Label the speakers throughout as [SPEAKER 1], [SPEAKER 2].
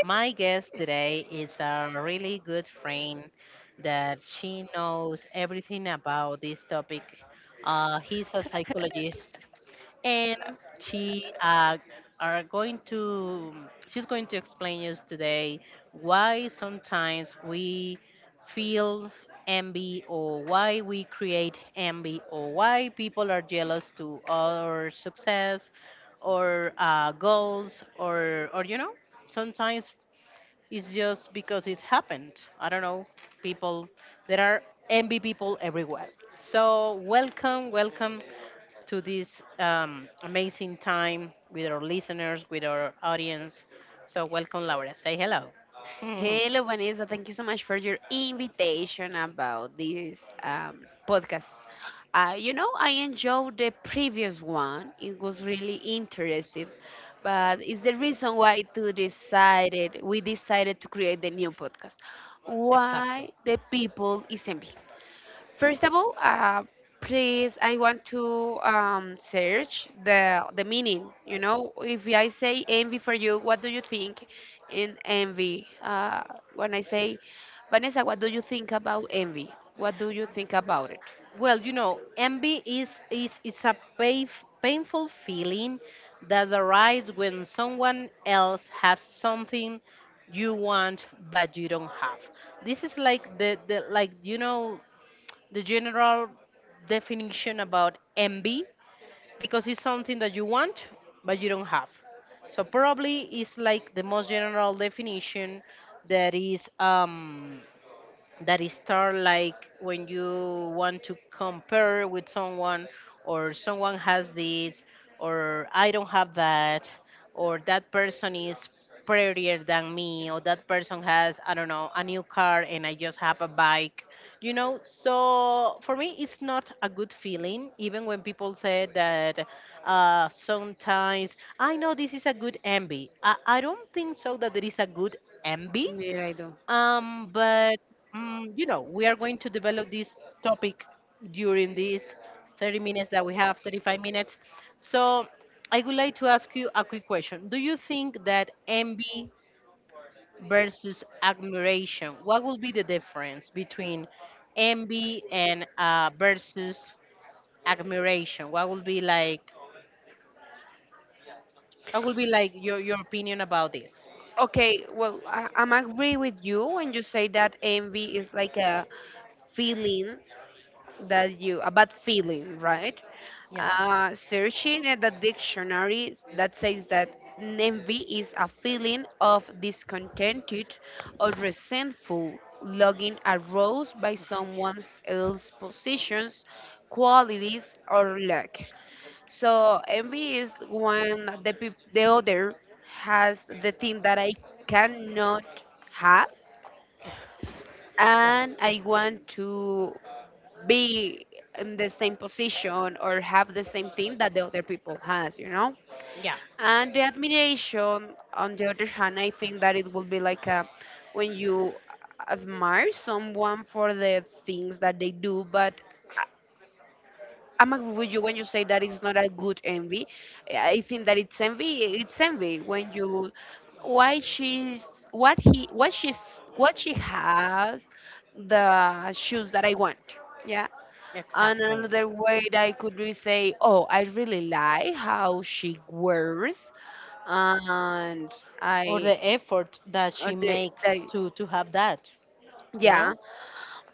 [SPEAKER 1] My guest today is a really good friend that she knows everything about this topic. He's a psychologist and she uh, are going to she's going to explain us today why sometimes we feel envy, or why we create envy, or why people are jealous to our success or goals, or sometimes it's just because it happened. I don't know, people there are envy people everywhere. So welcome to this amazing time with our listeners, with our audience. So, welcome, Laura. Say hello.
[SPEAKER 2] Hello, Vanessa. Thank you so much for your invitation about this podcast. I enjoyed the previous one. It was really interesting, but it's the reason why to decided we decided to create the new podcast. Why
[SPEAKER 1] Exactly.
[SPEAKER 2] the people is envy? First of all, please, I want to search the meaning. You know, if I say envy for you, what do you think in envy? When I say, Vanessa, what do you think about envy? What do you think about it?
[SPEAKER 1] Well, you know, envy is a painful feeling that arises when someone else has something you want but you don't have. This is like the the general definition about MB, because it's something that you want but you don't have. So probably it's like the most general definition that is start like when you want to compare with someone, or someone has this, or I don't have that, or that person is prettier than me, or that person has, I don't know, a new car and I just have a bike. You know, so for me it's not a good feeling, even when people say that sometimes. I know this is a good envy. I don't think so that there is a good envy.
[SPEAKER 2] Yeah, I do.
[SPEAKER 1] But mm You know, we are going to develop this topic during these 30 minutes that we have, 35 minutes. So I would like to ask you a quick question. Do you think that envy versus admiration, what will be the difference between envy and versus admiration? What will be like? What will be like your opinion about this?
[SPEAKER 2] Okay, well, I'm agree with you when you say that envy is like a feeling that you a bad feeling, right?
[SPEAKER 1] Yeah,
[SPEAKER 2] Searching at the dictionary that says that envy is a feeling of discontented or resentful longing aroused by someone else's possessions, qualities, or lack. So envy is when the other has the thing that I cannot have and I want to be in the same position or have the same thing that the other people has, you know.
[SPEAKER 1] yeah,
[SPEAKER 2] And the admiration on the other hand, I think that it will be like a, when you admire someone for the things that they do, but I- I'm agree with you when you say that it's not a good envy. I think that it's envy, it's envy when you, why she's, what he, what she's, what she has, the shoes that I want, yeah? And
[SPEAKER 1] exactly.
[SPEAKER 2] another way that I could really say, oh, I really like how she wears, and
[SPEAKER 1] Or
[SPEAKER 2] I,
[SPEAKER 1] the effort that
[SPEAKER 2] uh,
[SPEAKER 1] she
[SPEAKER 2] the, the,
[SPEAKER 1] makes to have that, you
[SPEAKER 2] yeah,
[SPEAKER 1] know.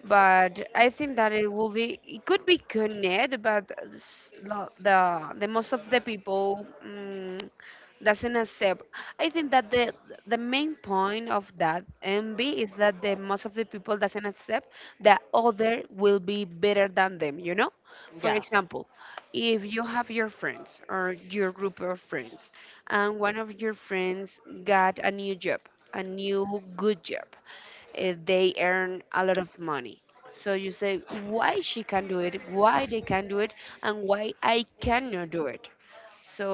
[SPEAKER 2] but I think that it will be, it could be connected, but the most of the people doesn't accept. I think that the main point of that envy is that the most of the people doesn't accept that other will be better than them. You know, for
[SPEAKER 1] Yeah,
[SPEAKER 2] example, if you have your friends or your group of friends, and one of your friends got a new job, a new good job, they earn a lot of money. So you say why she can do it, why they can do it, and why I cannot do it. So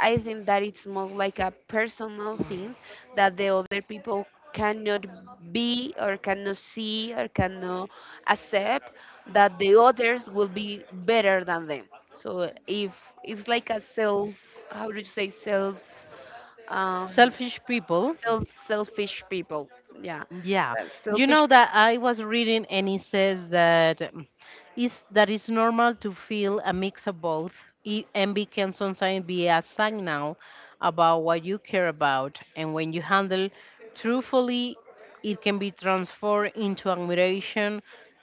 [SPEAKER 2] I think that it's more like a personal thing that the other people cannot be or cannot see or cannot accept that the others will be better than them. So if it's like a self, how do you say self, um,
[SPEAKER 1] selfish people.
[SPEAKER 2] selfish people? Yeah,
[SPEAKER 1] Yeah, you
[SPEAKER 2] selfish
[SPEAKER 1] know that I was reading and it says that is that it's normal to feel a mix of both, and can sometimes be a signal about what you care about, and when you handle truthfully it can be transformed into admiration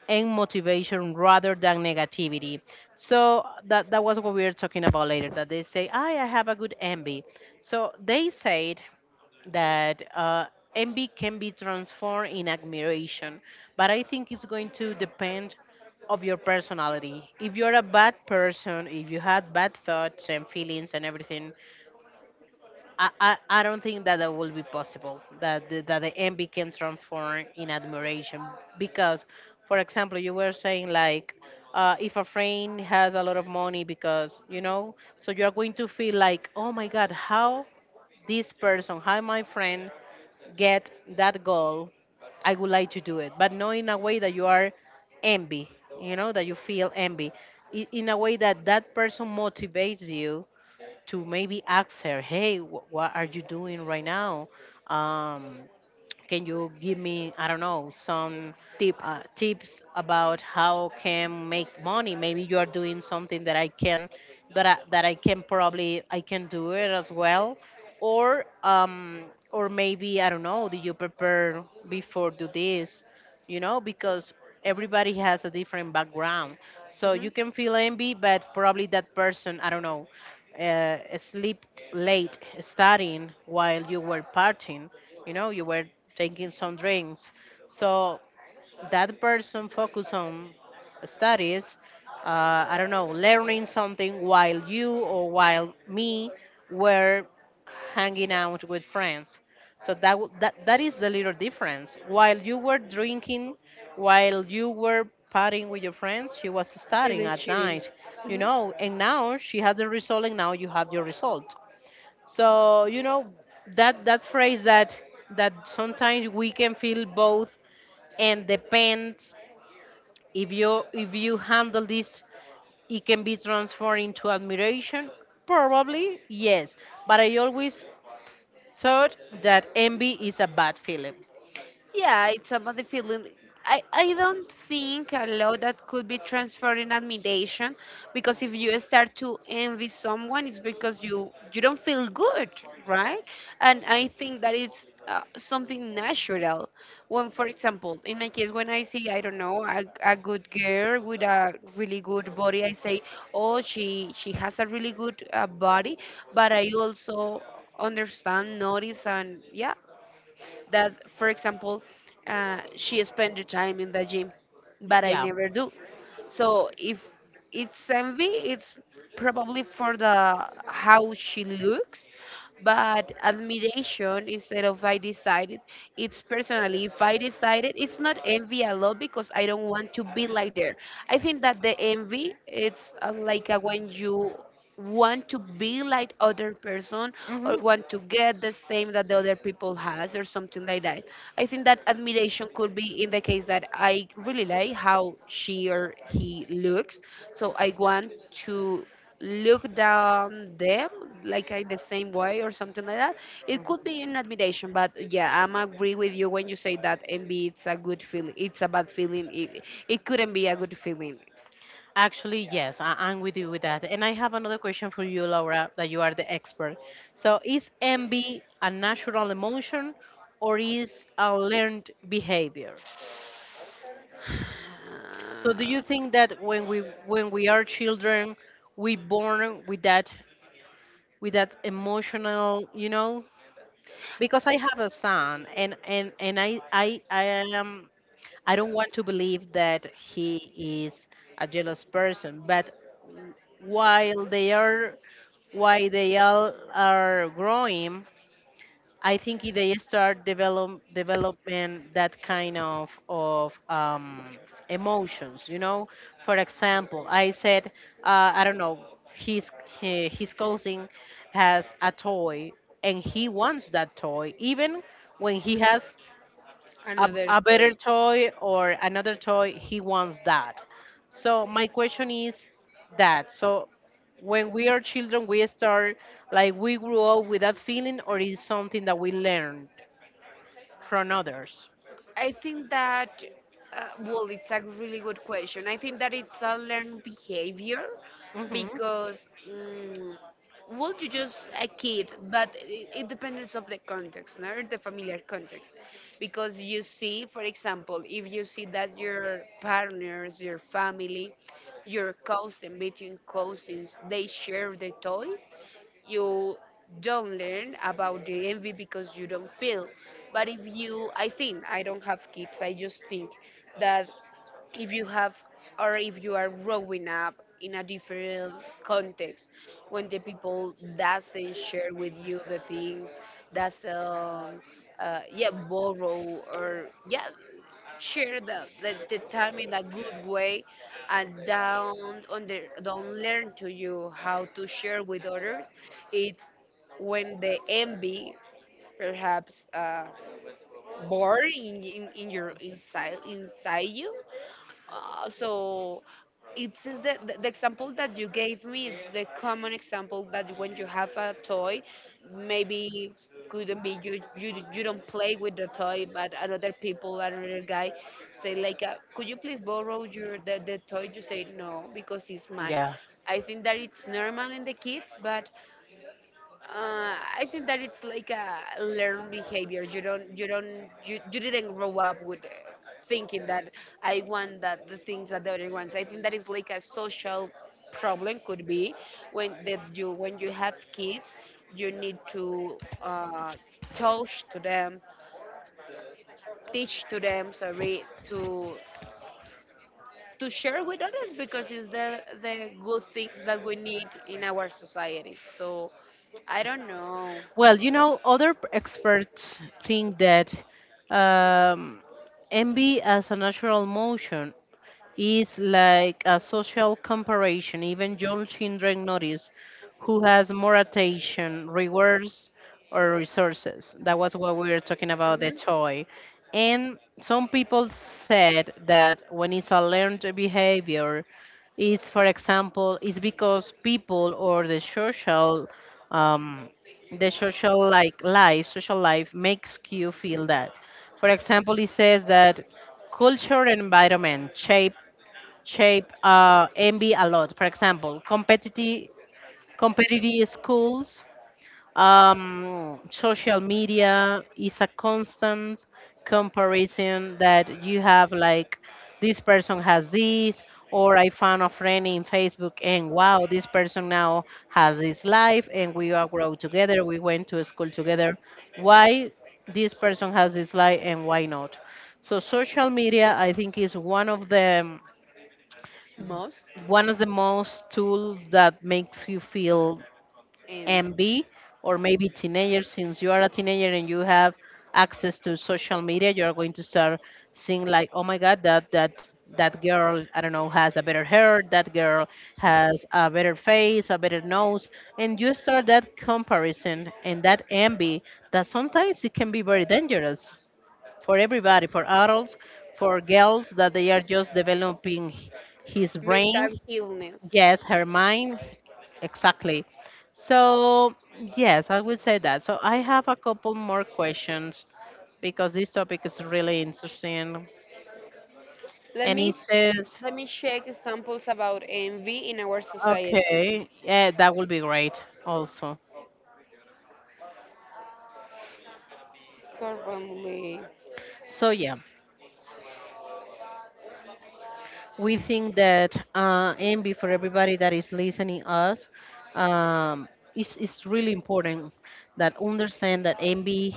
[SPEAKER 1] and motivation rather than negativity. So that that was what we were talking about later, that they say I have a good envy. So they said that envy can be transformed in admiration, but I think it's going to depend of your personality. If you're a bad person, if you had bad thoughts and feelings and everything, I don't think that that will be possible, that that the envy can transform in admiration. Because, for example, you were saying like, if a friend has a lot of money, because you know, so you're going to feel like, oh my god, how this person, how my friend get that goal, I would like to do it, but not in a way that you are envy, you know, that you feel envy. In a way that that person motivates you to maybe ask her, hey, what are you doing right now? Um, can you give me, I don't know, some
[SPEAKER 2] tips.
[SPEAKER 1] tips about how can make money? Maybe you are doing something that I can, that I can probably I can do it as well, or um, or maybe I don't know. Do you prepare before do this? You know, because everybody has a different background, so you
[SPEAKER 2] Mhm.
[SPEAKER 1] can feel envy, but probably that person, I don't know, slept late studying while you were partying. You know, you were taking some drinks. So that person focused on studies, I don't know, learning something, while you or while me were hanging out with friends. So that that is the little difference. While you were drinking, while you were partying with your friends, she was studying
[SPEAKER 2] Feeling
[SPEAKER 1] at
[SPEAKER 2] cheating.
[SPEAKER 1] night, you
[SPEAKER 2] Mhm.
[SPEAKER 1] know. And now she had the result, and now you have your result. So you know that that phrase that that sometimes we can feel both, and depends, if you handle this, it can be transformed into admiration, probably yes. But I always third, that envy is a bad feeling.
[SPEAKER 2] Yeah, it's about the feeling. I don't think a law that could be transferred in admiration because if you start to envy someone, it's because you don't feel good, right? And I think that it's something natural. When, for example, in my case, when I see, I don't know, a good girl with a really good body, I say, oh, she has a really good body, but I also understand, notice, and yeah, that, for example, she spent the time in the gym, but I
[SPEAKER 1] Yeah.
[SPEAKER 2] never do. So if it's envy, it's probably for the how she looks, but admiration instead of I decided, it's personally. If I decided, it's not envy a lot because I don't want to be like there. I think that the envy, it's like when you want to be like other person or want to get the same that the other people has or something like that. I think that admiration could be in the case that I really like how she or he looks, so I want to
[SPEAKER 1] Hmm.
[SPEAKER 2] look down them like in the same way or something like that. It could be in admiration, but yeah, I'm agree with you when you say that envy it's a good feeling, it's a bad feeling, it couldn't be a good feeling.
[SPEAKER 1] Actually, yes, I'm with you with that. And I have another question for you, Laura, that you are the expert. So, is envy a natural emotion or is a learned behavior? So, do you think that when we are children, we born with that, with that emotional, you know? Because I have a son, and I am, I don't want to believe that he is a jealous person, but while they are, why they all are growing, I think if they start developing that kind of emotions. You know, for example, I said, I don't know, his he, his cousin has a toy, and he wants that toy, even when he has
[SPEAKER 2] Another
[SPEAKER 1] a better
[SPEAKER 2] thought.
[SPEAKER 1] toy or another toy, he wants that. So my question is that, so when we are children, we start like we grew up with that feeling, or is something that we learned from others?
[SPEAKER 2] I think that, well, it's a really good question. I think that it's a learned behavior
[SPEAKER 1] Hmm,
[SPEAKER 2] because, well, you just a kid, but it depends of the context, no? The familiar context. Because you see, for example, if you see that your partners, your family, your cousin, between cousins, they share the toys, you don't learn about the envy because you don't feel. But if you, I think, I don't have kids, I just think that if you have or if you are growing up in a different context when the people doesn't share with you the things, doesn't yeah borrow or yeah share the time in a good way and don't learn to you how to share with others, it's when the envy perhaps born in your inside you. So it's just the example that you gave me, it's the common example that when you have a toy, maybe couldn't be you, you don't play with the toy, but another people, another guy say like, could you please borrow your the toy, you say no because it's mine.
[SPEAKER 1] yeah.
[SPEAKER 2] I think that it's normal in the kids, but uh, I think that it's like a learned behavior. You don't, you don't, you didn't grow up with thinking that I want that the things that the other ones. I think that is like a social problem, could be when that you, when you have kids, you need to touch to them, teach to them, sorry, to share with others because it's the good things that we need in our society. So I don't know.
[SPEAKER 1] Well, you know, other experts think that um, envy as a natural emotion is like a social comparison. Even young children notice who has more attention, rewards, or resources. That was what we were talking about the
[SPEAKER 2] Mm-hmm.
[SPEAKER 1] toy. And some people said that when it's a learned behavior, is, for example, is because people or um, the social like life, social life makes you feel that. For example, it says that culture and environment shape envy a lot. For example, competitive schools, social media is a constant comparison that you have, like this person has this, or I found a friend in Facebook and wow, this person now has this life, and we all grow together, we went to school together, why this person has this life and why not. So social media, I think, is
[SPEAKER 2] Most,
[SPEAKER 1] one of the most tools that makes you feel
[SPEAKER 2] um,
[SPEAKER 1] envy. Or maybe teenager, since you are a teenager and you have access to social media, you're going to start seeing like, oh my god, that girl, I don't know, has a better hair, that girl has a better face, a better nose, and you start that comparison and that envy, that sometimes it can be very dangerous for everybody, for adults, for girls that they are just developing his brain.
[SPEAKER 2] mental illness.
[SPEAKER 1] Yes, her mind. Exactly. So, yes, I would say that. So, I have a couple more questions, because this topic is really interesting.
[SPEAKER 2] Let
[SPEAKER 1] And
[SPEAKER 2] me
[SPEAKER 1] he
[SPEAKER 2] sh-
[SPEAKER 1] says,
[SPEAKER 2] Let me check examples about envy in our society
[SPEAKER 1] okay, yeah, that will be great also.
[SPEAKER 2] currently.
[SPEAKER 1] So, yeah, we think that envy, for everybody that is listening us, um, is really important, that understand that envy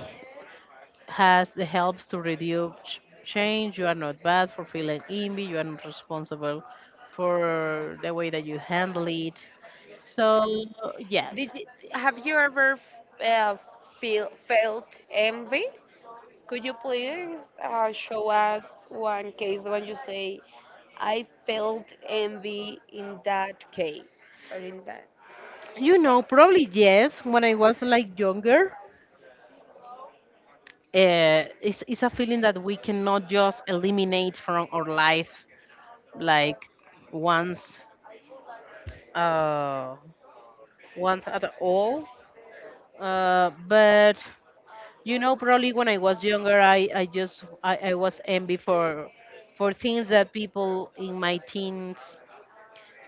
[SPEAKER 1] has the helps to reduce change. You are not bad for feeling envy. You are not responsible for the way that you handle it. So
[SPEAKER 2] Did
[SPEAKER 1] yes.
[SPEAKER 2] you, have you ever uh, feel, felt envy? Could you please show us one case when you say I felt envy in that case or in that?
[SPEAKER 1] You know, probably yes, when I was like younger. It's a feeling that we cannot just eliminate from our life, like once, uh once at all. But you know, probably when I was younger, I was envy for things that people in my teens,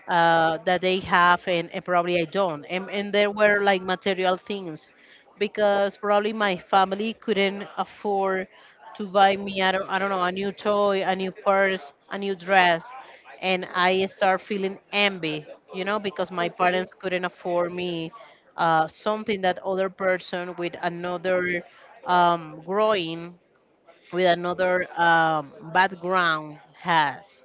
[SPEAKER 1] that they have, and probably I don't. And there were like material things, because probably my family couldn't afford to buy me, I don't know, a new toy, a new purse, a new dress. And I start feeling envy, you know, because my
[SPEAKER 2] Okay.
[SPEAKER 1] parents couldn't afford me something that other person um, growing, with another background has.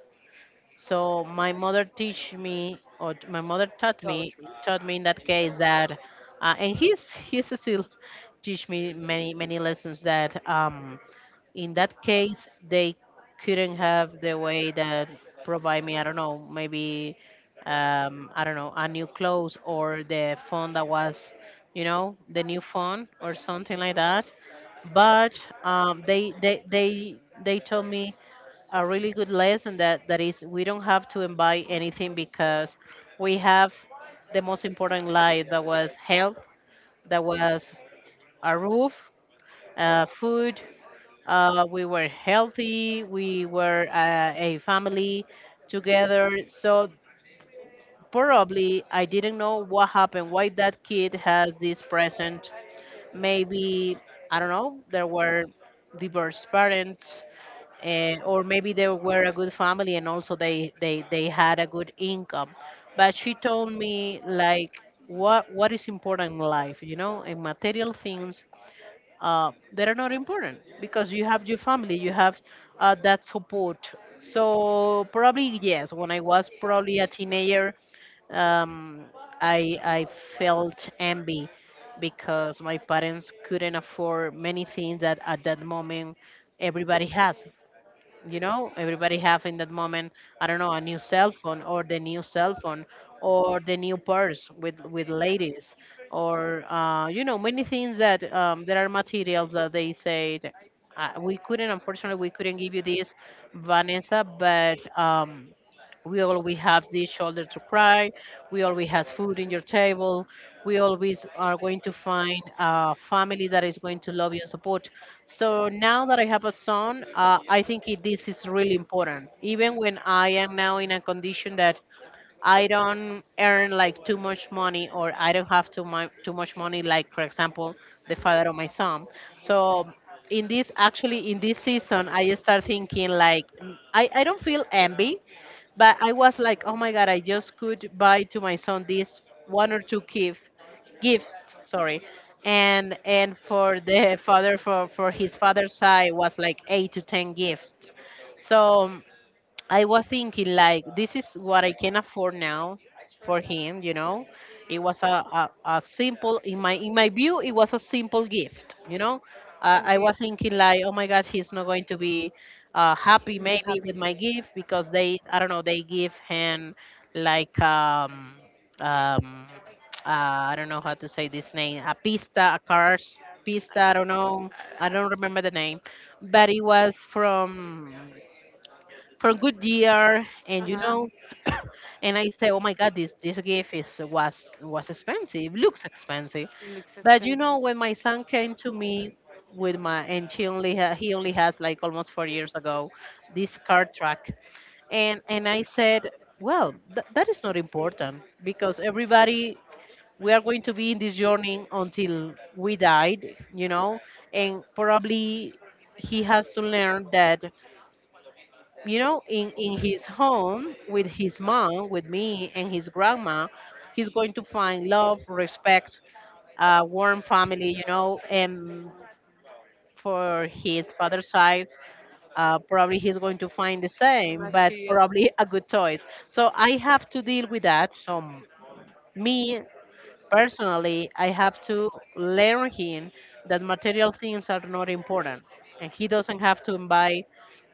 [SPEAKER 1] So my mother teach me, or my mother taught me in that case that, and he's still teach me many many lessons, that in that case they couldn't have the way that provide me, I don't know, maybe, I don't know, a new clothes or the phone that was, you know, the new phone or something like that. But they told me a really good lesson, that that is, we don't have to buy anything, because we have the most important life, that was health, that was a roof, food, we were healthy. We were a family together. So probably I didn't know what happened, why that kid has this present. Maybe, I don't know, there were divorced parents. Or maybe they were a good family and also they had a good income. But she told me like, what is important in life, you know, and material things, that are not important, because you have your family, you have that support. So probably yes, when I was probably a teenager, um, I felt envy because my parents couldn't afford many things that at that moment everybody has, you know everybody have in that moment. I don't know, a new cell phone or the new cell phone, or the new purse with ladies, or you know, many things that there are materials that they said we couldn't unfortunately we couldn't give you this, Vanessa. But we always have the shoulder to cry. We always have food in your table. We always are going to find a family that is going to love you and support. So now that I have a son, I think this is really important. Even when I am now in a condition that I don't earn like too much money, or I don't have too much money, like for example, the father of my son. So, in this actually, in this season, I start thinking like, I don't feel envy, but I was like, oh my God, I just could buy to my son this one or two gift, sorry. And for the father for his father's side was like 8 to 10 gifts. So I was thinking like, this is what I can afford now for him. It was a simple in my view, it was a simple gift. I
[SPEAKER 2] Okay.
[SPEAKER 1] was thinking like, oh my God, he's not going to be happy, maybe, with my gift, because they I don't know, they give him like um I don't know how to say this name, a pista, a cars pista, I don't know, I don't remember the name, but it was from for good year and and I say oh my God, this gift is was expensive, looks expensive.
[SPEAKER 2] It looks.
[SPEAKER 1] But you know, when my son came to me with my and he only has, like, almost 4 years ago, this car track. And I said, well, that is not important, because everybody, we are going to be in this journey until we died, you know and probably he has to learn that, in his home, with his mom, with me, and his grandma, he's going to find love, respect, a warm family, and for his father's side, probably he's going to find the same, but probably a good choice. So I have to deal with that. So, me personally, I have to learn him that material things are not important, and he doesn't have to buy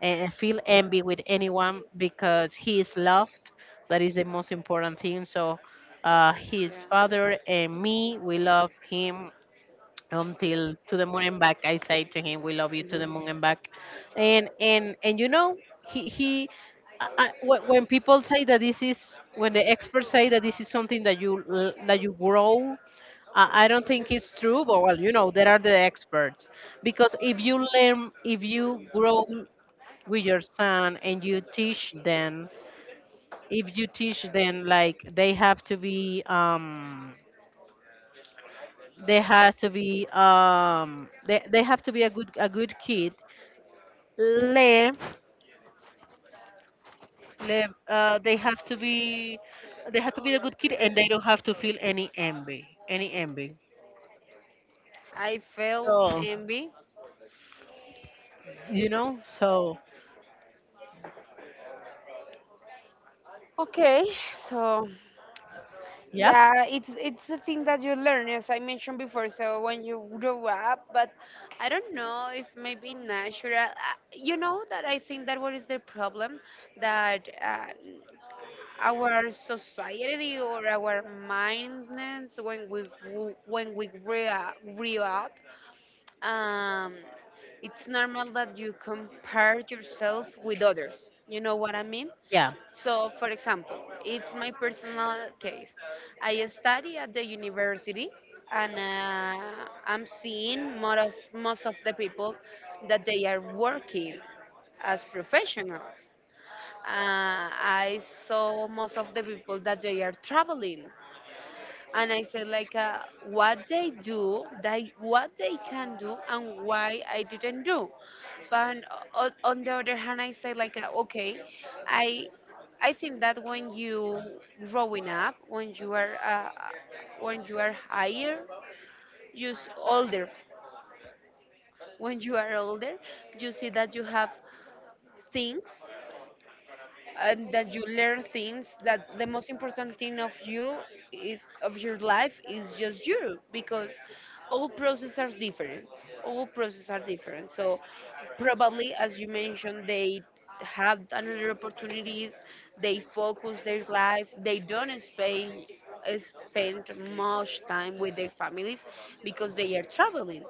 [SPEAKER 1] and feel envy with anyone, because he is loved. That is the most important thing. So, his father and me, we love him until to the moon and back. I say to him, "We love you to the moon and back," and he when people say that this is, when the experts say that this is something that that you grow, I don't think it's true, but well, you know, there are the experts. Because if you learn, if you grow with your son and you teach them, if you teach them like they have to be, they have to be, they have to be a good kid. Le, le, uh, they have to be, they have to be a good kid, and they don't have to feel any envy, any envy.
[SPEAKER 2] I. So
[SPEAKER 1] So,
[SPEAKER 2] envy.
[SPEAKER 1] so,
[SPEAKER 2] Okay, so
[SPEAKER 1] yeah,
[SPEAKER 2] yeah, it's the thing that you learn, as I mentioned before. So when you grow up, but I don't know if maybe natural. You know that I think that what is the problem that our society or our mindness, when when we grew up, um, it's normal that you compare yourself with others. You know what I mean?
[SPEAKER 1] yeah.
[SPEAKER 2] So, for example, it's my personal case. I study at the university, and I'm seeing more of most of the people that they are working as professionals. I saw most of the people that they are traveling, and I said like, what they do, they what they can do, and why I didn't do. But on the other hand, I say like, okay, I I think that when you growing up, when you are higher, you just older, when you are older, you see that you have things and that you learn things that the most important thing of you is of your life is just you because all processes are different, so probably as you mentioned, they have another opportunities, they focus their life, they don't spend much time with their families because they are traveling,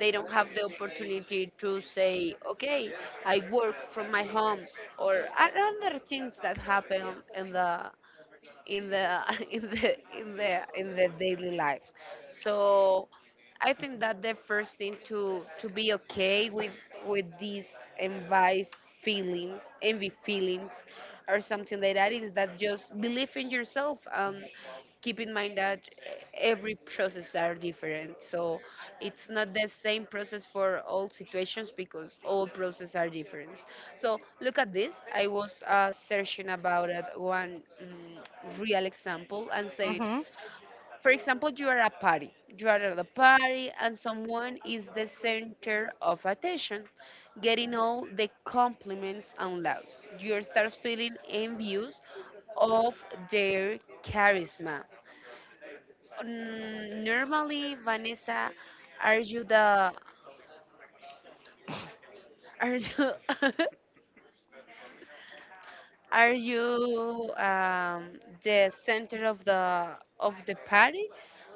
[SPEAKER 2] they don't have the opportunity to say, okay, I work from my home, or are other things that happen in the in the in the in their daily lives. So I think that the first thing to be okay with these envy feelings, or something like that is that just believe in yourself and keep in mind that every process are different. So it's not the same process for all situations because all processes are different. So look at this. I was searching about it one real example and said,
[SPEAKER 1] Mm-hmm.
[SPEAKER 2] for example, you are at a party. You are at a party, and someone is the center of attention, getting all the compliments and laughs. You start feeling envious of their charisma. Normally, Vanessa, are you the are you are you the center of the party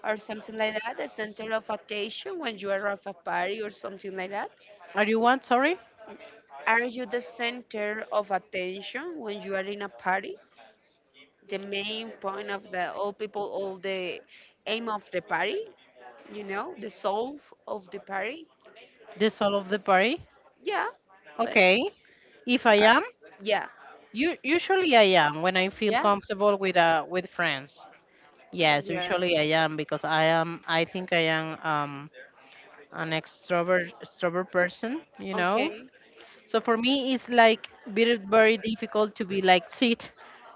[SPEAKER 2] or something like that? The center of attention when you are at a party or something like that?
[SPEAKER 1] Are you one? Sorry.
[SPEAKER 2] Are you the center of attention when you are in a party? The main point of the all people, all the aim of the party, you know, the soul of the party?
[SPEAKER 1] The soul of the party.
[SPEAKER 2] Yeah, like,
[SPEAKER 1] Okay. If I
[SPEAKER 2] uh,
[SPEAKER 1] am,
[SPEAKER 2] yeah,
[SPEAKER 1] you usually I am when I feel
[SPEAKER 2] yeah,
[SPEAKER 1] comfortable with friends.
[SPEAKER 2] yes.
[SPEAKER 1] Yes,
[SPEAKER 2] Yeah,
[SPEAKER 1] usually I am, because I think I am an extrovert person, you know.
[SPEAKER 2] okay.
[SPEAKER 1] So for me it's like very very difficult to be like sit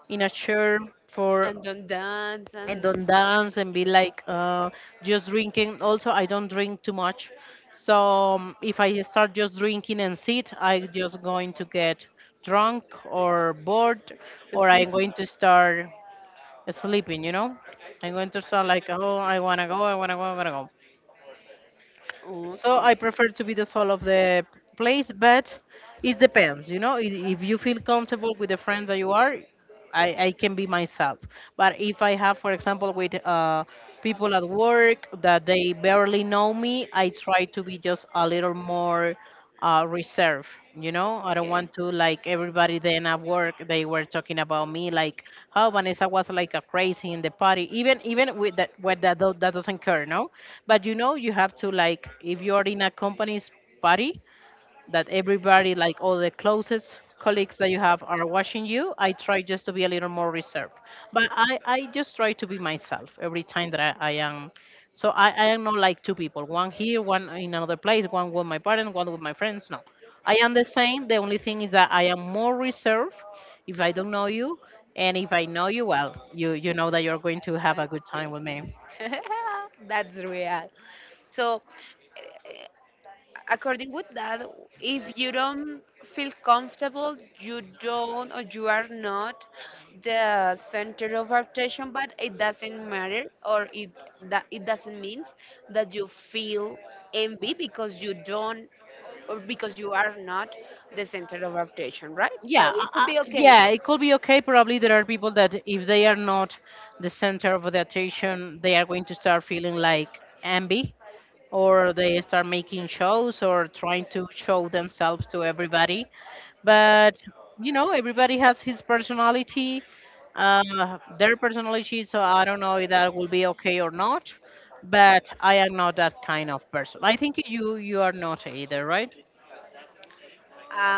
[SPEAKER 1] in a chair for
[SPEAKER 2] And don't dance
[SPEAKER 1] and
[SPEAKER 2] and
[SPEAKER 1] don't dance, and be like just drinking. Also, I don't drink too much, so, if I start just drinking and sit, I'm just going to get drunk or bored, or I'm going to start sleeping. You know, I'm going to start like, oh, I wanna go, I wanna go, I wanna go. So
[SPEAKER 2] okay,
[SPEAKER 1] I prefer to be the soul of the place, but it depends. You know, I- if you feel comfortable with the friends that you are, I can be myself. But if I have, for example, with people at work that they barely know me, I try to be just a little more reserved. You know, I don't
[SPEAKER 2] okay.
[SPEAKER 1] want to, like, everybody then at work they were talking about me like, how Vanessa was like a crazy in the party. Even with that, that doesn't care, no. But you know, you have to, like, if you are in a company's party, that everybody, like all the closest colleagues that you have, are watching you. I try just to be a little more reserved, but I just try to be myself every time that I am. So I am not like two people, one here, one in another place, one with my parents, one with my friends. No, I am the same. The only thing is that I am more reserved if I don't know you, and if I know you well, you know that you're going
[SPEAKER 2] I,
[SPEAKER 1] to have
[SPEAKER 2] I'm
[SPEAKER 1] a good time
[SPEAKER 2] free.
[SPEAKER 1] with me.
[SPEAKER 2] That's real. So, according with that, if you don't feel comfortable, you don't or you are not the center of attention, but it doesn't matter or it that it doesn't means that you feel envy because you don't or because you are not the center of attention, right?
[SPEAKER 1] Yeah,
[SPEAKER 2] So it could be okay.
[SPEAKER 1] yeah, it could be okay. Probably there are people that if they are not the center of the attention, they are going to start feeling like envy, or they start making shows or trying to show themselves to everybody. But you know, everybody has his personality, their personality. So I don't know if that will be okay or not. But I am not that kind of person. I think you are not either, right?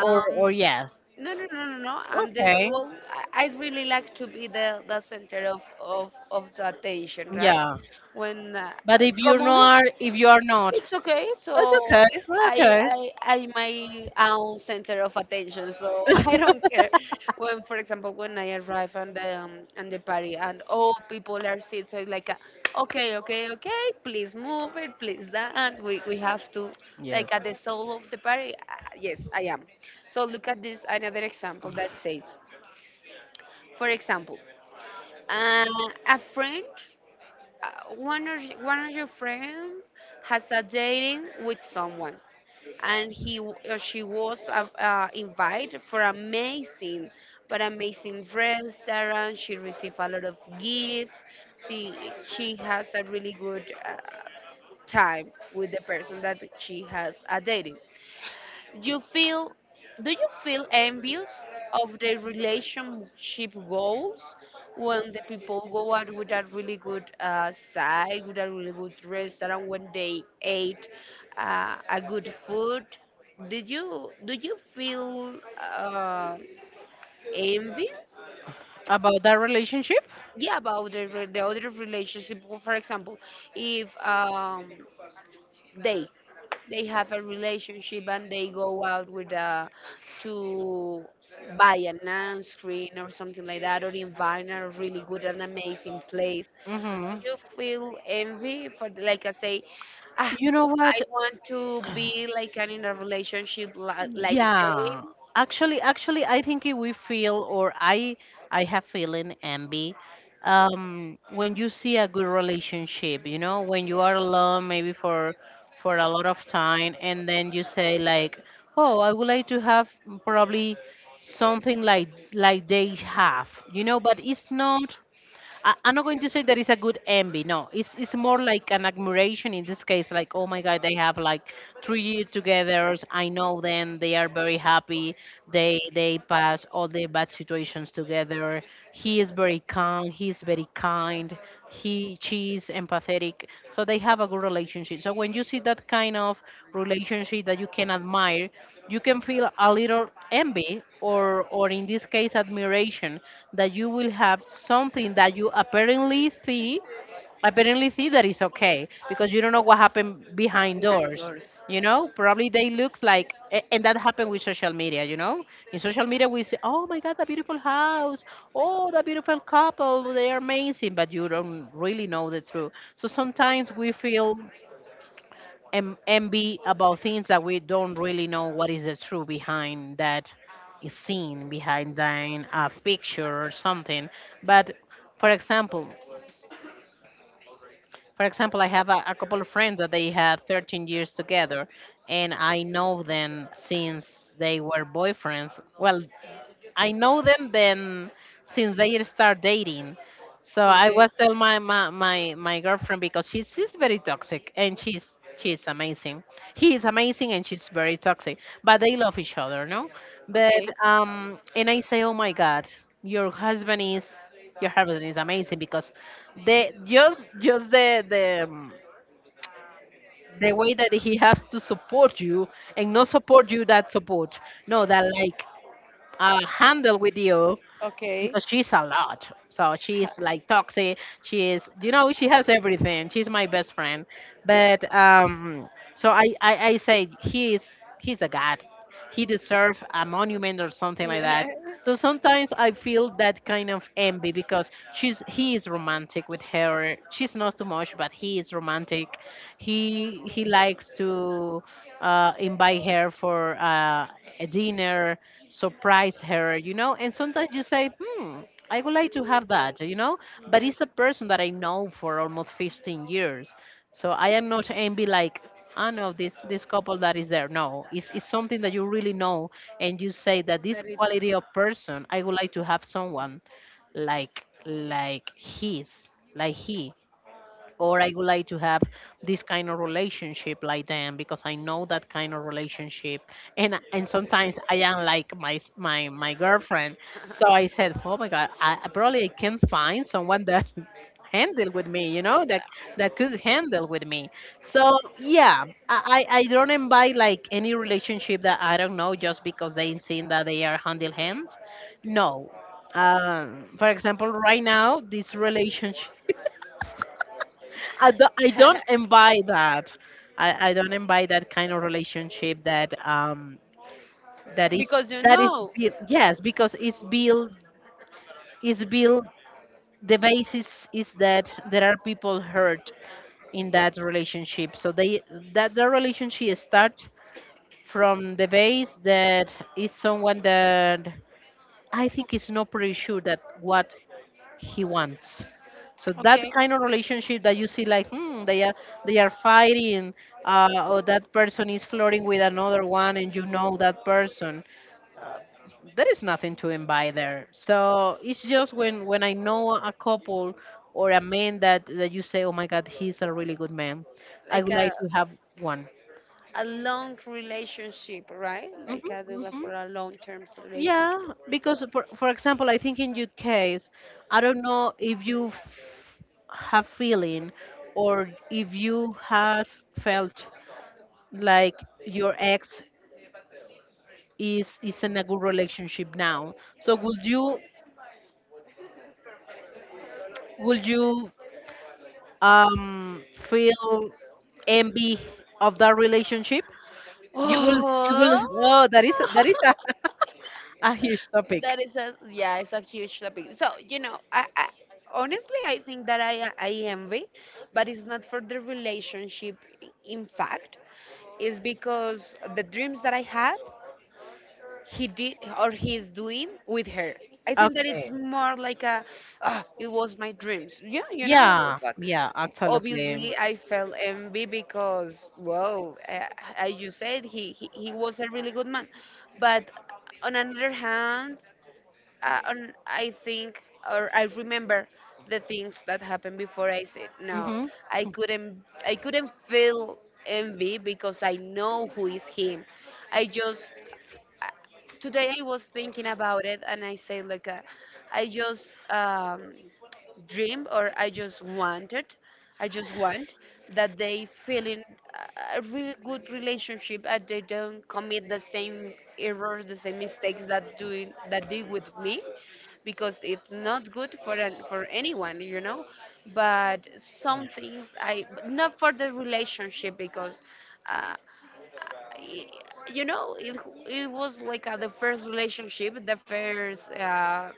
[SPEAKER 1] Or or yes.
[SPEAKER 2] no, no, no, no, no. I'm the
[SPEAKER 1] Okay.
[SPEAKER 2] well. I really like to be the center of the attention, right?
[SPEAKER 1] Yeah.
[SPEAKER 2] When
[SPEAKER 1] But if you
[SPEAKER 2] commonly,
[SPEAKER 1] are, not,
[SPEAKER 2] it's okay.
[SPEAKER 1] it's
[SPEAKER 2] So
[SPEAKER 1] okay. We're
[SPEAKER 2] I
[SPEAKER 1] okay.
[SPEAKER 2] I I my own center of attention. So I don't care when, for example, when I arrive and the party and all people are seated, so like, okay, okay, okay, please move it, please dance. We have to
[SPEAKER 1] Yes.
[SPEAKER 2] like at the soul of the party. Yes, I am. So look at this another example that says, for example, uh, a friend, one of your friends has a dating with someone, and she was invited for amazing, but amazing restaurant. She received a lot of gifts. She she has a really good time with the person that she has dated. You feel Do you feel envious of the relationship goals when the people go out with a really good, side, with a really good restaurant, when they ate a good food? Did you Do you feel uh, envy?
[SPEAKER 1] About that relationship?
[SPEAKER 2] Yeah, about the other relationship, for example. If they they have a relationship and they go out with a to buy a sunscreen or something like that, or invite a really good and amazing place, do
[SPEAKER 1] Hmm.
[SPEAKER 2] you feel envy like I say, ah,
[SPEAKER 1] You know
[SPEAKER 2] I
[SPEAKER 1] what?
[SPEAKER 2] want to be like an in a relationship like they.
[SPEAKER 1] Yeah, actually, I think, we feel, or I have feeling envy, when you see a good relationship. You know, when you are alone, maybe, for a lot of time, and then you say like, oh, I would like to have, probably, something like they have. You know, but it's not. I'm not going to say that it's a good envy. No, it's more like an admiration in this case. Like, oh my God, they have like 3 years together. I know them. They are very happy. They pass all the bad situations together. He is very calm. He is very kind. He, she is empathetic. So they have a good relationship. So when you see that kind of relationship that you can admire, you can feel a little envy, or in this case, admiration, that you will have something that you apparently see that it's okay, because you don't know what happened behind
[SPEAKER 2] Behind
[SPEAKER 1] doors.
[SPEAKER 2] yours.
[SPEAKER 1] You know, probably they look like a-, and that happened with social media. You know, in social media we say, oh my God, that beautiful house, oh, that beautiful couple, they are amazing, but you don't really know the truth. So sometimes we feel, envy, about things that we don't really know what is the truth behind that scene, behind that picture, or something. But, for example for example, I have a couple of friends that they had 13 years together, and I know them since they were boyfriends. Well, I know them then since they start dating. So I
[SPEAKER 2] Okay,
[SPEAKER 1] was tell my girlfriend, because she's very toxic, and she's amazing. He is amazing and she's very toxic. But they love each other, no? But
[SPEAKER 2] okay,
[SPEAKER 1] um, and I say, oh my God, your husband is your husband is amazing, because the just the way that he has to support you, and not support you, that support. No, that, like, handle with you,
[SPEAKER 2] okay.
[SPEAKER 1] because she's a lot. So she's like toxic. She is, you know, she has everything. She's my best friend. But so I say, he is, he's a god. He deserves a monument or something like
[SPEAKER 2] Yeah.
[SPEAKER 1] that. So sometimes I feel that kind of envy, because she's he is romantic with her. She's not too much, but he is romantic. He likes to invite her for a dinner, surprise her, you know? And sometimes you say, hmm, I would like to have that, you know? But it's a person that I know for almost 15 years. So I am not envy, like, I know this couple that is there. No, it's something that you really know. And you say that this quality of person, I would like to have someone like his, like he, or I would like to have this kind of relationship like them, because I know that kind of relationship. And sometimes I am like my girlfriend.
[SPEAKER 2] Someone.
[SPEAKER 1] So I
[SPEAKER 2] Say.
[SPEAKER 1] said, oh my God, I probably I can find someone that handle with me, you know, that that could handle with me. So yeah, I don't invite like any relationship that I don't know, just because they seem that they are handle hands, no. For example, right now, this relationship, I don't envy that. I don't envy that kind of relationship that um, that is,
[SPEAKER 2] Because you that
[SPEAKER 1] that is
[SPEAKER 2] know,
[SPEAKER 1] built. Yes, because it's built, it's built. The basis is that there are people hurt in that relationship, so they, that the relationship start from the base, that is someone that I think is not pretty sure that what he wants. So that
[SPEAKER 2] because
[SPEAKER 1] kind of relationship that you see, like, hmm, they are, they are fighting, or that person is flirting with another one, and you know that person. There is nothing to envy there. So it's just when I know a couple, or a man, that that you say, oh my God, he's a really good man. I
[SPEAKER 2] like
[SPEAKER 1] would like
[SPEAKER 2] a
[SPEAKER 1] to have one.
[SPEAKER 2] a long relationship, right? Like I do that
[SPEAKER 1] Hmm.
[SPEAKER 2] for a long term, yeah,
[SPEAKER 1] Yeah,
[SPEAKER 2] relationship.
[SPEAKER 1] because for example, I think, in your case, I don't know if you have feeling, or if you have felt, like, your ex is in a good relationship now. So, would you, would you, feel envy of that relationship? Oh, that is
[SPEAKER 2] Oh.
[SPEAKER 1] a, a huge topic.
[SPEAKER 2] That is a, yeah, it's a huge topic. So I honestly I think that I envy, but it's not for the relationship. In fact, it's because the dreams that I had, he did, or he is doing with her. I think that it's
[SPEAKER 1] Okay.
[SPEAKER 2] more like oh, it was my dreams. Yeah,
[SPEAKER 1] Yeah,
[SPEAKER 2] but
[SPEAKER 1] yeah, absolutely.
[SPEAKER 2] obviously I felt envy because, well, as you said, he was a really good man, but on another hand, and I think, or I remember the things that happened before, I said no.
[SPEAKER 1] Mm-hmm.
[SPEAKER 2] I couldn't feel envy because I know who is him. I just today I was thinking about it and I say like, I just, dream, or I just want that they feel in a really good relationship, and they don't commit the same errors, the same mistakes, that doing that they with me, because it's not good for for anyone. But some things I but not for the relationship, because Uh, y- you know it, was like the first relationship, the first uh,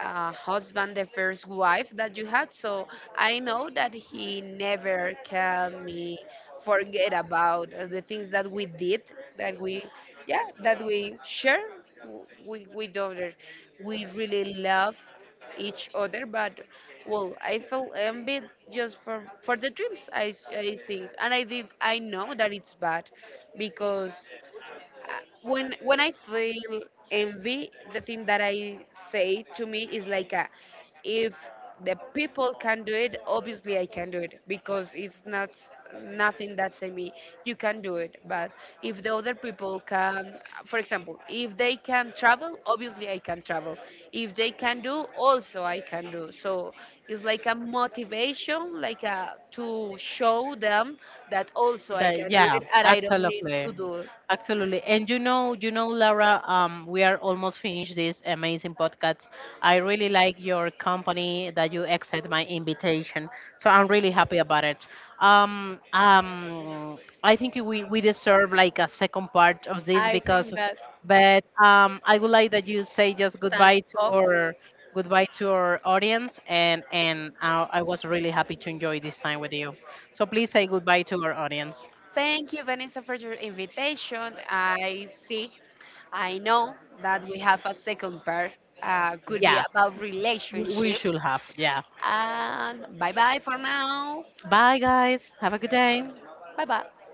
[SPEAKER 2] uh, husband, the first wife that you had. So I know that he never can me forget about the things that we did, that we, yeah, that we share with other. We really loved each other, but well, I felt envy just for the dreams. I think, and I did. I know that it's bad, because when I feel envy, the thing that I say to me is like if the people can do it, obviously I can do it, because it's not nothing that's in me. You can do it, but if the other people can, for example, if they can travel, obviously I can travel. If they can do, also I can do. So it's like a motivation, like a to show them that also I
[SPEAKER 1] That,
[SPEAKER 2] can do
[SPEAKER 1] yeah,
[SPEAKER 2] it, and I don't need
[SPEAKER 1] absolutely.
[SPEAKER 2] to do it.
[SPEAKER 1] Absolutely. And you know, Laura, we are almost finished this amazing podcast. I really like your company that you accept my invitation. So I'm really happy about it. Um, um, I think we deserve like a second part of this,
[SPEAKER 2] I
[SPEAKER 1] because
[SPEAKER 2] think that
[SPEAKER 1] but I would like that you say just
[SPEAKER 2] it's time off.
[SPEAKER 1] goodbye to our audience, and I was really happy to enjoy this time with you. So please say goodbye to our audience.
[SPEAKER 2] Thank you, Vanessa, for your invitation. I see, I know that we have a second part. Could be
[SPEAKER 1] Yeah,
[SPEAKER 2] about
[SPEAKER 1] we should
[SPEAKER 2] relationships.
[SPEAKER 1] have. Yeah.
[SPEAKER 2] And bye bye for now.
[SPEAKER 1] Bye, guys. Have a good day.
[SPEAKER 2] Bye bye.